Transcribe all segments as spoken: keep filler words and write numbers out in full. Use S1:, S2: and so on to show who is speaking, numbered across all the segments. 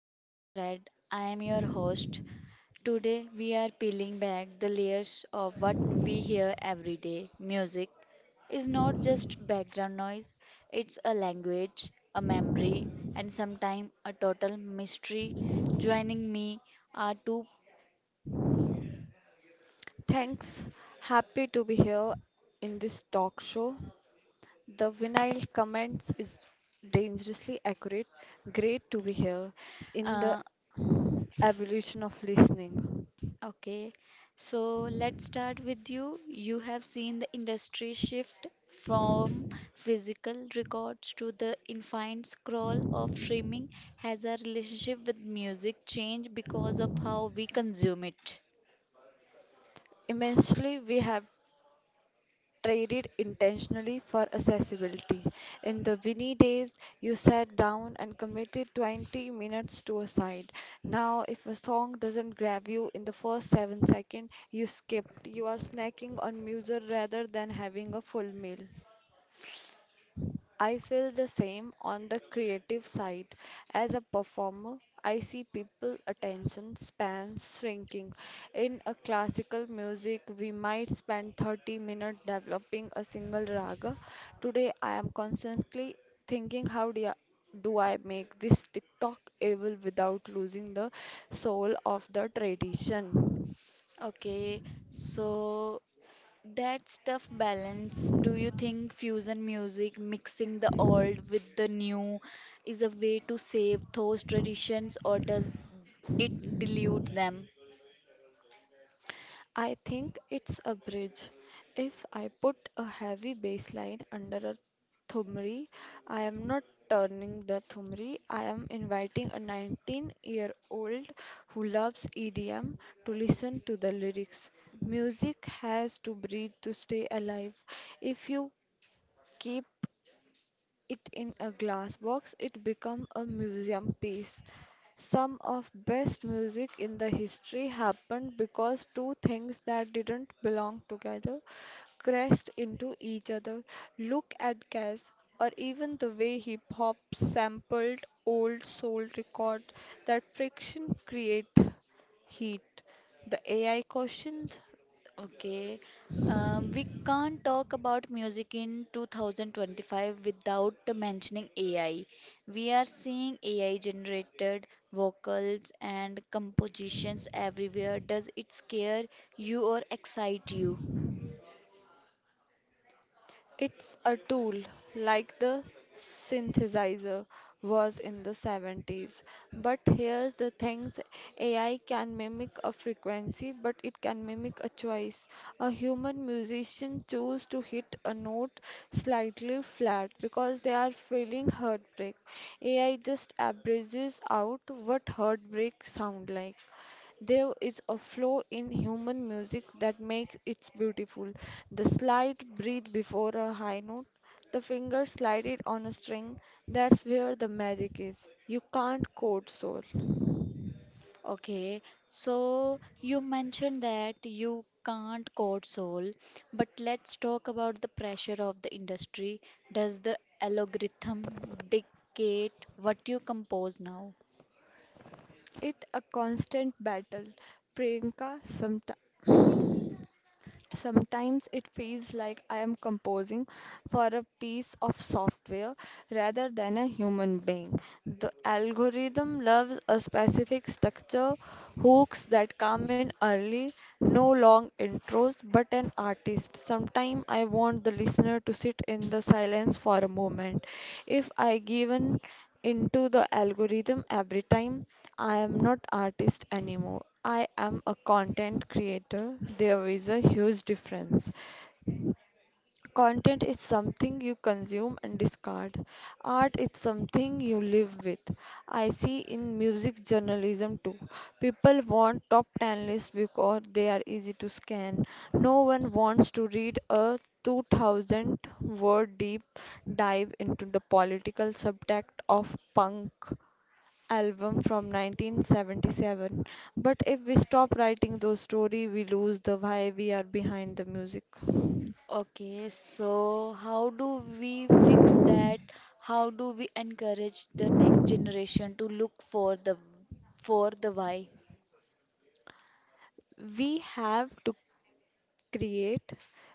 S1: Sonic Thread. I am your host. Today we are peeling back the layers of what we hear every day. Music is not just background noise, it's a language, a memory, and sometimes a total mystery. Joining me are two
S2: Thanks. Happy to be here in this talk show. The vinyl comments is dangerously accurate. Great to be here in the
S1: uh,
S2: evolution of listening.
S1: Okay, so let's start with you. You have seen the industry shift from physical records to the infinite scroll of streaming. Has our relationship with music changed because of how we consume it?
S2: Immensely, we have traded intentionally for accessibility. In the windy days, you sat down and committed twenty minutes to a side. Now, if a song doesn't grab you in the first seven seconds, you skipped. You are snacking on music rather than having a full meal. I feel the same on the creative side. As a performer, I see people attention spans shrinking. In a classical music, we might spend thirty minutes developing a single raga. Today, I am constantly thinking how do I, do I make this TikTok able without losing the soul of the tradition.
S1: Okay, so that's tough balance. Do you think fusion music, mixing the old with the new, is a way to save those traditions or does it dilute them?
S2: I think it's a bridge. If I put a heavy bass line under a thumri, I am not turning the thumri. I am inviting a nineteen-year-old who loves E D M to listen to the lyrics. Music has to breathe to stay alive. If you keep it in a glass box, it become a museum piece. Some of best music in the history happened because two things that didn't belong together crashed into each other. Look at Cass, or even the way hip hop sampled old soul record that friction create heat. The A I questions.
S1: Okay. Um, we can't talk about music in twenty twenty-five without mentioning A I. We are seeing A I generated vocals and compositions everywhere. Does it scare you or excite you?
S2: It's a tool like the synthesizer was in the seventies. But here's the things A I can mimic a frequency, but it can mimic a choice. A human musician chose to hit a note slightly flat because they are feeling heartbreak. A I just averages out what heartbreak sound like. There is a flow in human music that makes it beautiful. The slight breath before a high note, the finger slided on a string, that's where the magic is. You can't code soul.
S1: Okay, so you mentioned that you can't code soul, but let's talk about the pressure of the industry. Does the algorithm dictate what you compose now?
S2: It a constant battle. Priyanka, sometimes. Sometimes it feels like I am composing for a piece of software rather than a human being. The algorithm loves a specific structure, hooks that come in early, no long intros, but an artist. Sometimes I want the listener to sit in the silence for a moment. If I given into the algorithm every time. I am not artist anymore. I am a content creator. There is a huge difference. Content is something you consume and discard. Art is something you live with. I see in music journalism too. People want top ten lists because they are easy to scan. No one wants to read a two thousand word deep dive into the political subject of punk album from nineteen seventy-seven. But if we stop writing those stories, we lose the why we are behind the music.
S1: Okay, so how do we fix that? How do we encourage the next generation to look for the for the why?
S2: We have to create,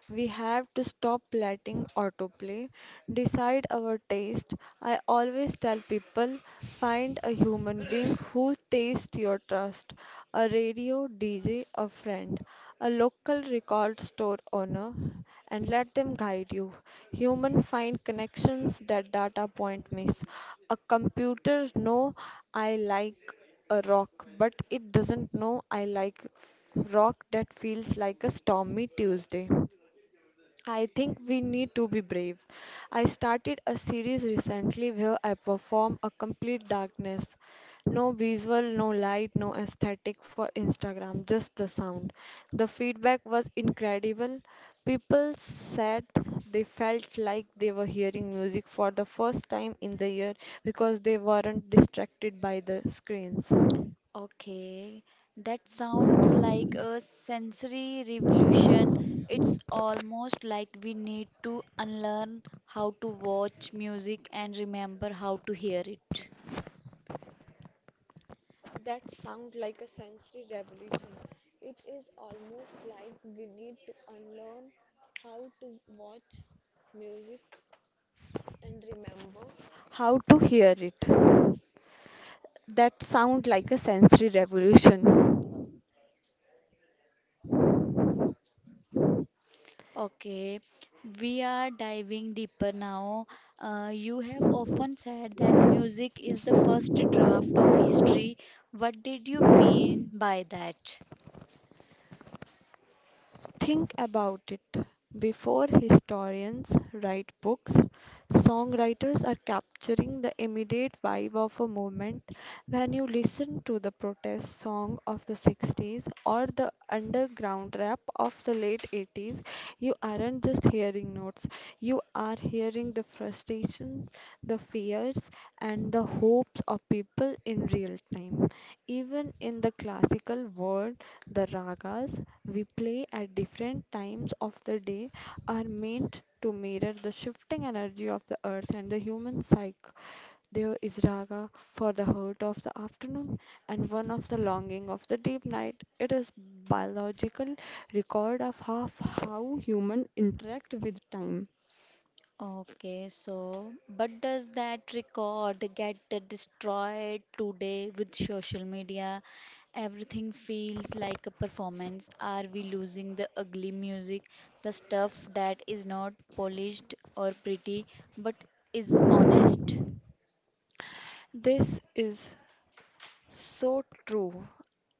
S2: we have to stop letting autoplay decide our taste. I always tell people find a human being who tastes your trust a radio D J, a friend, a local record store owner, and let them guide you. Human find connections that data point miss. A computer know I like a rock, but it doesn't know I like rock that feels like a stormy Tuesday. I think we need to be brave. I started a series recently where I perform a complete darkness. No visual, no light, no aesthetic for Instagram, just the sound. The feedback was incredible. People said they felt like they were hearing music for the first time in the year because they weren't distracted by the screens.
S1: Okay, that sounds like a sensory revolution. It's almost like we need to unlearn how to watch music and remember how to hear it.
S2: That sounds like a sensory revolution. It is almost like we need to unlearn how to watch music and remember how to hear it. That sounds like a sensory revolution.
S1: Okay, we are diving deeper now. Uh, you have often said that music is the first draft of history. What did you mean by that?
S2: Think about it. Before historians write books, songwriters are capturing the immediate vibe of a moment. When you listen to the protest song of the sixties or the underground rap of the late eighties, you aren't just hearing notes, you are hearing the frustrations, the fears, and the hopes of people in real time. Even in the classical world, the ragas we play at different times of the day are meant to mirror the shifting energy of the earth and the human psyche. There is raga for the hurt of the afternoon and one of the longing of the deep night. It is biological record of half how human interact with time.
S1: Okay, so but does that record get destroyed today with social media? Everything feels like a performance. Are we losing the ugly music, the stuff that is not polished or pretty but is honest?
S2: This is so true.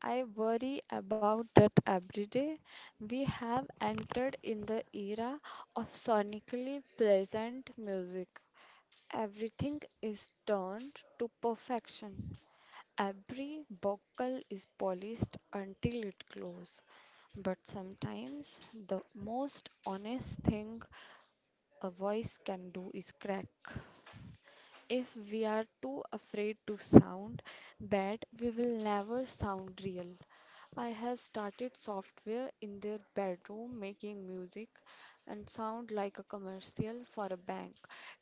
S2: I worry about that every day. We have entered in the era of sonically pleasant music. Everything is turned to perfection. Every vocal is polished until it glows. But sometimes the most honest thing a voice can do is crack. If we are too afraid to sound bad, we will never sound real. I have started software in their bedroom making music and sound like a commercial for a bank.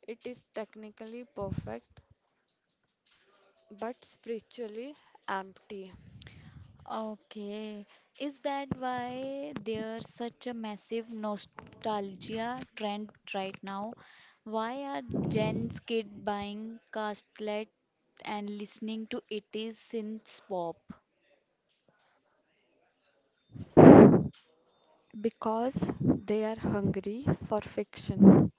S2: It is technically perfect but spiritually empty.
S1: Okay. Is that why there's such a massive nostalgia trend right now? Why are Gen's kid buying cassette and listening to eighties synth pop?
S2: because they are hungry for fiction.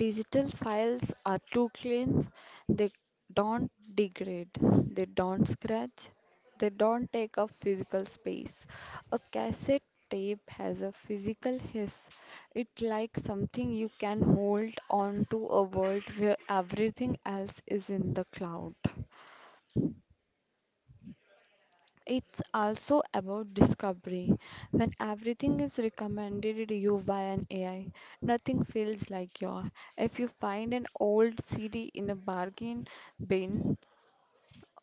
S2: Digital files are too clean, they don't degrade, they don't scratch, they don't take up physical space. A cassette tape has a physical hiss. It's like something you can hold on to a world where everything else is in the cloud. It's also about discovery. When everything is recommended you by an A I, nothing feels like your. If you find an old C D in a bargain bin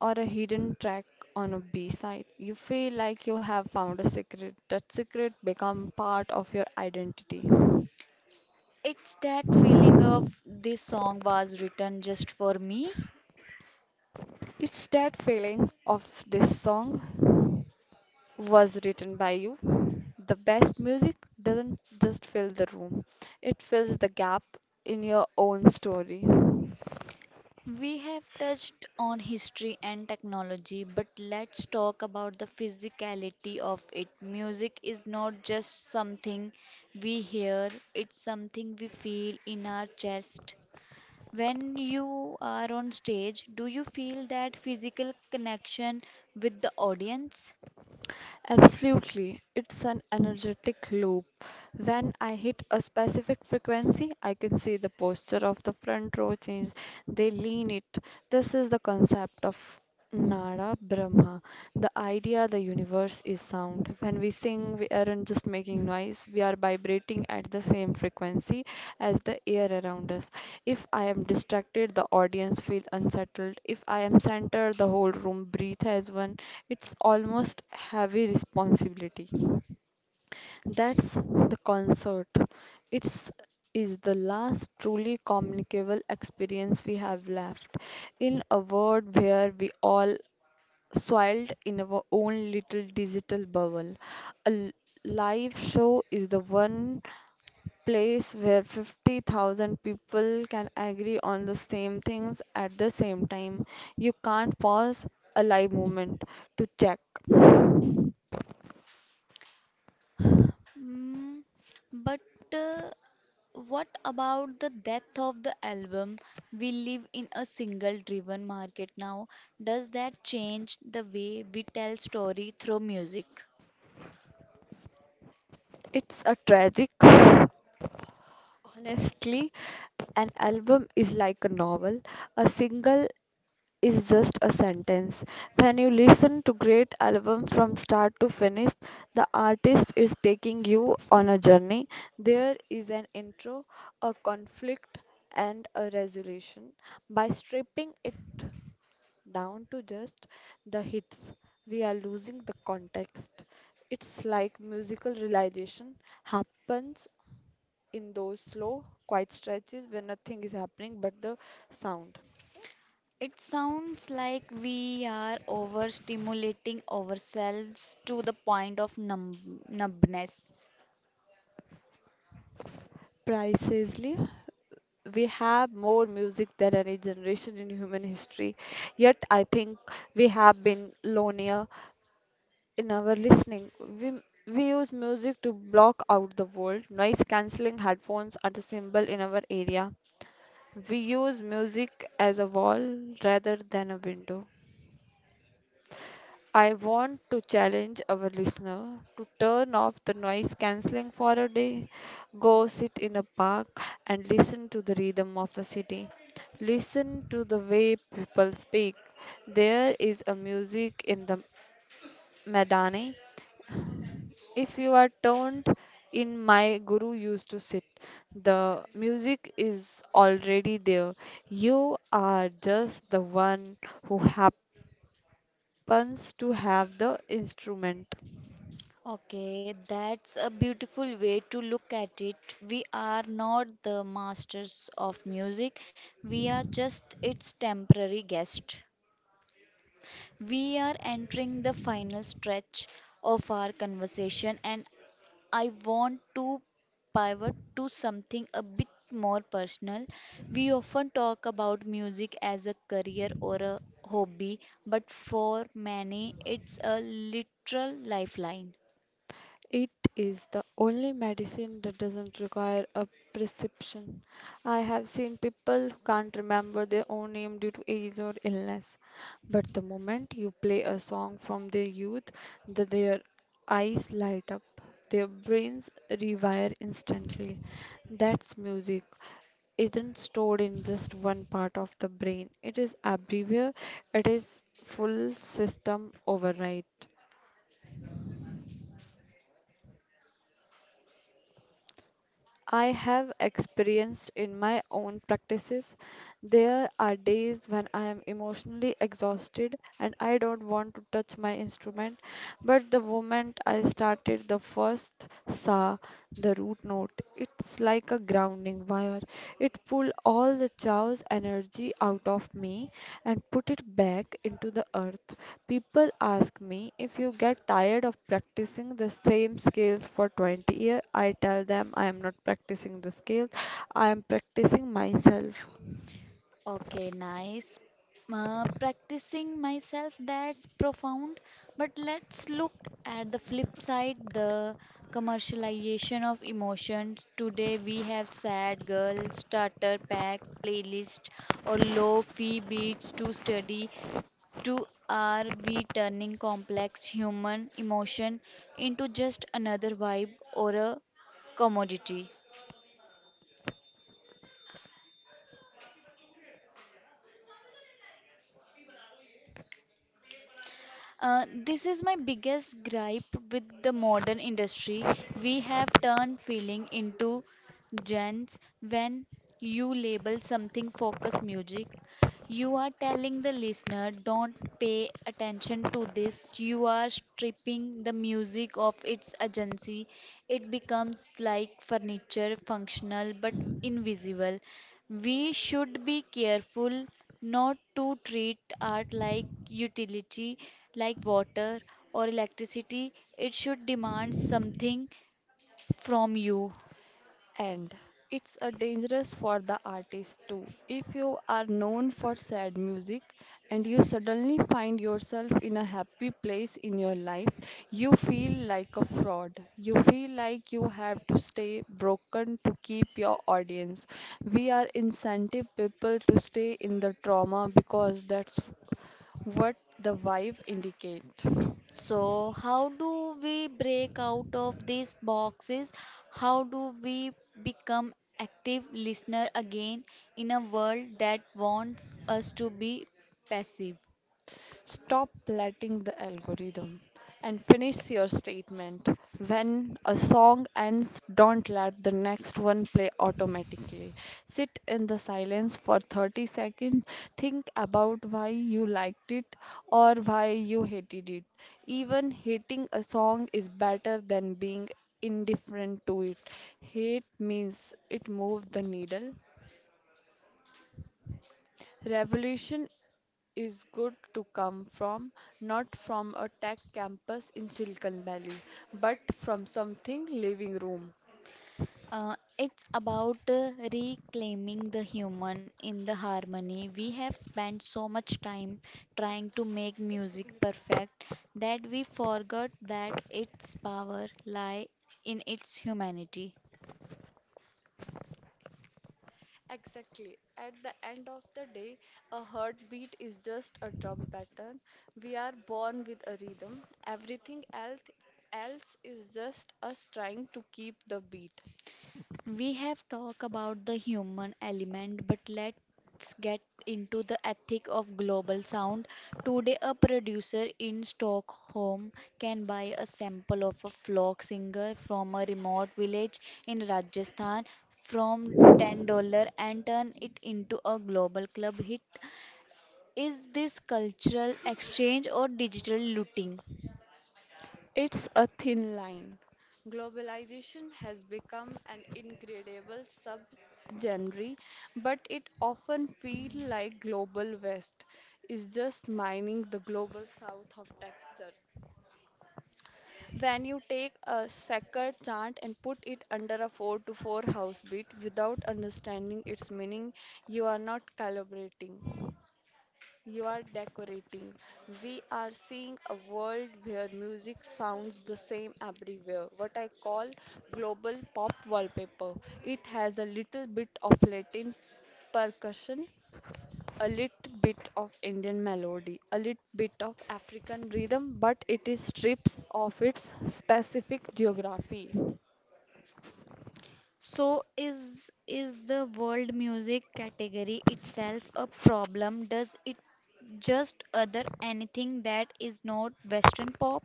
S2: or a hidden track on a B-side, you feel like you have found a secret. That secret become part of your identity.
S1: It's that feeling of this song was written just for me.
S2: It's that feeling of this song. was written by you. The best music doesn't just fill the room, it fills the gap in your own story.
S1: We have touched on history and technology, but let's talk about the physicality of it. Music is not just something we hear, it's something we feel in our chest. When you are on stage, do you feel that physical connection with the audience?
S2: Absolutely, it's an energetic loop. When I hit a specific frequency, I can see the posture of the front row change. They lean it. This is the concept of Nada Brahma, the idea the universe is sound. When we sing, we aren't just making noise, we are vibrating at the same frequency as the air around us. If I am distracted, the audience feel unsettled. If I am centered, the whole room breathe as one. It's almost heavy responsibility. That's the concert. It's is the last truly communicable experience we have left in a world where we all Soiled in our own little digital bubble. A l- live show is the one place where fifty thousand people can agree on the same things at the same time. You can't pause a live moment to check.
S1: Mm, but uh, what about the death of the album? We live in a single driven market now. Does that change the way we tell story through music?
S2: It's a tragic, honestly. An album is like a novel. A single is just a sentence. When you listen to great album from start to finish, the artist is taking you on a journey. There is an intro, a conflict, and a resolution. By stripping it down to just the hits, we are losing the context. It's like musical realization happens in those slow, quiet stretches where nothing is happening but the sound.
S1: It sounds like we are overstimulating ourselves to the point of numb- numbness.
S2: Precisely, we have more music than any generation in human history. Yet, I think we have been lonelier in our listening. We we use music to block out the world. Noise cancelling headphones are the symbol in our area. We use music as a wall rather than a window. I want to challenge our listener to turn off the noise cancelling for a day, go sit in a park and listen to the rhythm of the city. Listen to the way people speak. There is a music in the Madani. If you are turned in my guru used to sit, the music is already there. You are just the one who happens to have the instrument.
S1: Okay, that's a beautiful way to look at it. We are not the masters of music, we are just its temporary guest. We are entering the final stretch of our conversation, and I want to pivot to something a bit more personal. We often talk about music as a career or a hobby, but for many, it's a literal lifeline.
S2: It is the only medicine that doesn't require a prescription. I have seen people who can't remember their own name due to age or illness, but the moment you play a song from their youth, the, their eyes light up. Their brains rewire instantly. That's music isn't stored in just one part of the brain. It is everywhere. It is full system override. I have experienced in my own practices. There are days when I am emotionally exhausted and I don't want to touch my instrument, but the moment I started the first sa, the root note, it's like a grounding wire. It pulled all the chaos energy out of me and put it back into the earth. People ask me if you get tired of practicing the same scales for twenty years. I tell them I am not practicing the scales. I am practicing myself.
S1: Okay, nice. Uh, practicing myself, that's profound. But let's look at the flip side, the commercialization of emotions. Today we have sad girl, starter pack, playlist, or low fee beats to study. To are we turning complex human emotion into just another vibe or a commodity? Uh, this is my biggest gripe with the modern industry. We have turned feeling into gens when you label something focus music, you are telling the listener, don't pay attention to this. You are stripping the music of its agency. It becomes like furniture, functional but invisible. We should be careful not to treat art like utility, like water or electricity. It should demand something from you.
S2: And it's a dangerous for the artist too. If you are known for sad music and you suddenly find yourself in a happy place in your life, you feel like a fraud. You feel like you have to stay broken to keep your audience. We are incentive people to stay in the trauma because that's what the vibe indicate.
S1: So, how do we break out of these boxes? How do we become active listener again in a world that wants us to be passive?
S2: Stop letting the algorithm and finish your statement. When a song ends, don't let the next one play automatically. Sit in the silence for thirty seconds. Think about why you liked it or why you hated it. Even hating a song is better than being indifferent to it. Hate means it moved the needle. Revolution is good to come from, not from a tech campus in Silicon Valley, but from something living room.
S1: Uh, it's about uh, reclaiming the human in the harmony. We
S2: Akash,
S1: have spent so much time trying to
S2: Akash,
S1: make
S2: एक
S1: music
S2: second इधर आ।
S1: perfect that we forgot that its power lie in its humanity.
S2: Exactly. At the end of the day, a heartbeat is just a drum pattern. We are born with a rhythm. Everything else else is just us trying to keep the beat.
S1: We have talked about the human element, but let's get into the ethic of global sound. Today, a producer in Stockholm can buy a sample of a folk singer from a remote village in Rajasthan from ten dollars and turn it into a global club hit. Is this cultural exchange or digital looting?
S2: It's a thin line. Globalization has become an incredible subgenre, but it often feels like Global West is just mining the global south of texture. When you take a sacred chant and put it under a four to four house beat without understanding its meaning, you are not calibrating. You are decorating. We are seeing a world where music sounds the same everywhere, what I call global pop wallpaper. It has a little bit of Latin percussion, a little bit of Indian melody, a little bit of African rhythm, but it is strips of its specific geography.
S1: So is is the world music category itself a problem? Does it just other anything that is not Western pop?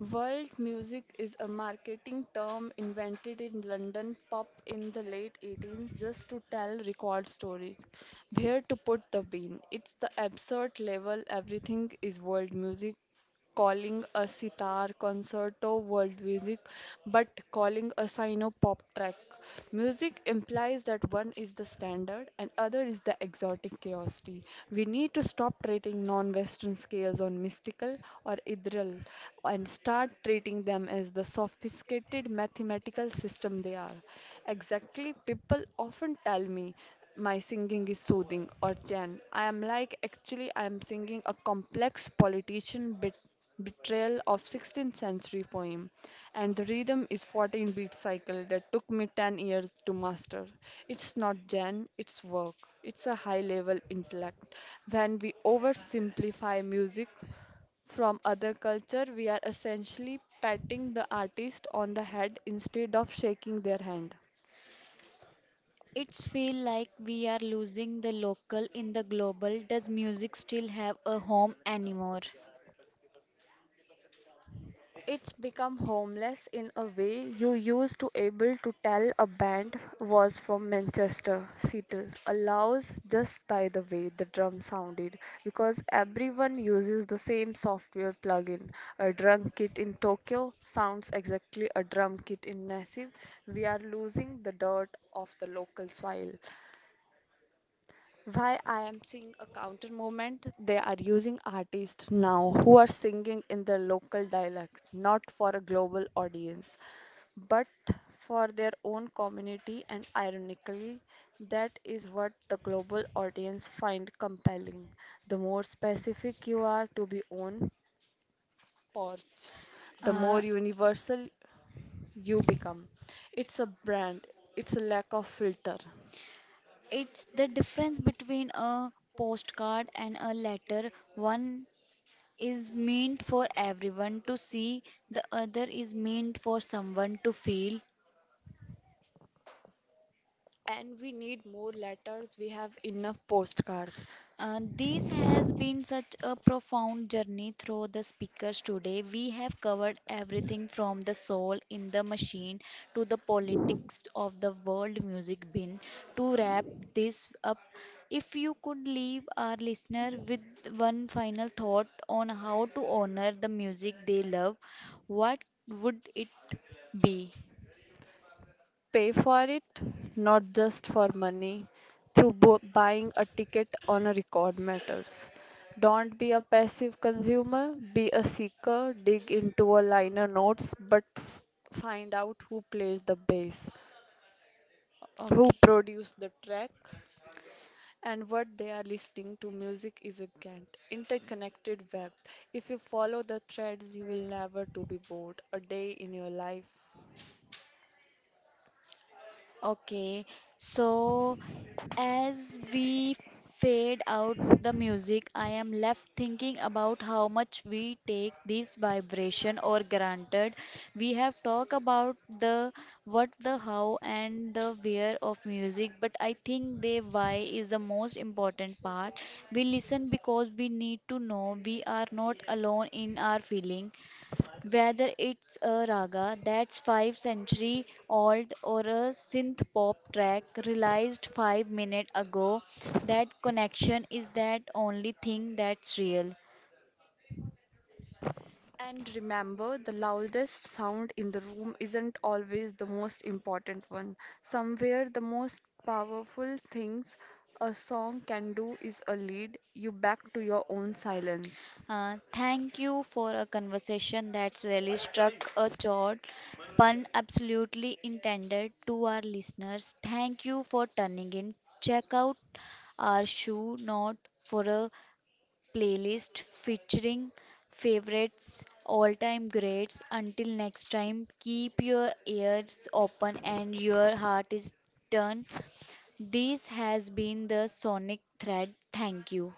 S2: World music is a marketing term invented in London pop in the late eighteenth just to tell record stories. Where to put the bean? It's the absurd level everything is world music, calling a sitar concert or world music, but calling a sino pop track. Music implies that one is the standard and other is the exotic curiosity. We need to stop treating non Western scales on mystical or ethereal and start treating them as the sophisticated mathematical system they are. Exactly, people often tell me my singing is soothing or Jan. I am like, actually, I am singing a complex politician bit Betrayal of sixteenth century poem, and the rhythm is fourteen beat cycle that took me ten years to master. It's not gen, it's work. It's a high level intellect. When we oversimplify music from other culture, we are essentially patting the artist on the head instead of shaking their hand.
S1: It's feel like we are losing the local in the global. Does music still have a home anymore?
S2: It's become homeless in a way you used to able to tell a band was from Manchester, Seattle, allows just by the way the drum sounded because everyone uses the same software plugin. A drum kit in Tokyo sounds exactly a drum kit in Nassib. We are losing the dirt of the local soil. Why I am seeing a counter movement, they are using artists now who are singing in their local dialect, not for a global audience, but for their own community, and ironically, that is what the global audience find compelling. The more specific you are to be own porch, the more
S1: Uh,
S2: universal you become. It's a brand, it's a lack of filter.
S1: it's the difference between a postcard and a letter. One is meant for everyone to see, the other is meant for someone to feel.
S2: And we need more letters. We have enough postcards.
S1: Uh, this has been such a profound journey through the speakers today. We have covered everything from the soul in the machine to the politics of the world music bin. To wrap this up, if you could leave our listener with one final thought on how to honor the music they love, what would it be?
S2: Pay for it, not just for money. Through bu- buying a ticket on a record matters. Don't be a passive consumer, be a seeker. Dig into a liner notes, but f- find out who plays the bass, who
S1: Okay.
S2: produced the track, and what they are listening to music is a gant interconnected web. If you follow the threads you will never to be bored a day in your life.
S1: Okay, so as we fade out the music, I am left thinking about how much we take this vibration or granted. We have talked about the what, the how, and the where of music, but I think the why is the most important part. We listen because we need to know we are not alone in our feeling. Whether it's a raga that's five century old or a synth pop track released five minutes ago, that connection is that only thing that's real.
S2: And remember, the loudest sound in the room isn't always the most important one. Somewhere, the most powerful things a song can do is a lead you back to your own silence.
S1: Uh, thank you for a conversation that's really struck a chord, pun absolutely intended to our listeners. Thank you for turning in. Check out our show note for a playlist featuring favorites, all time greats. Until next time, keep your ears open and your heart is turned. This has been the Sonic Thread. Thank you.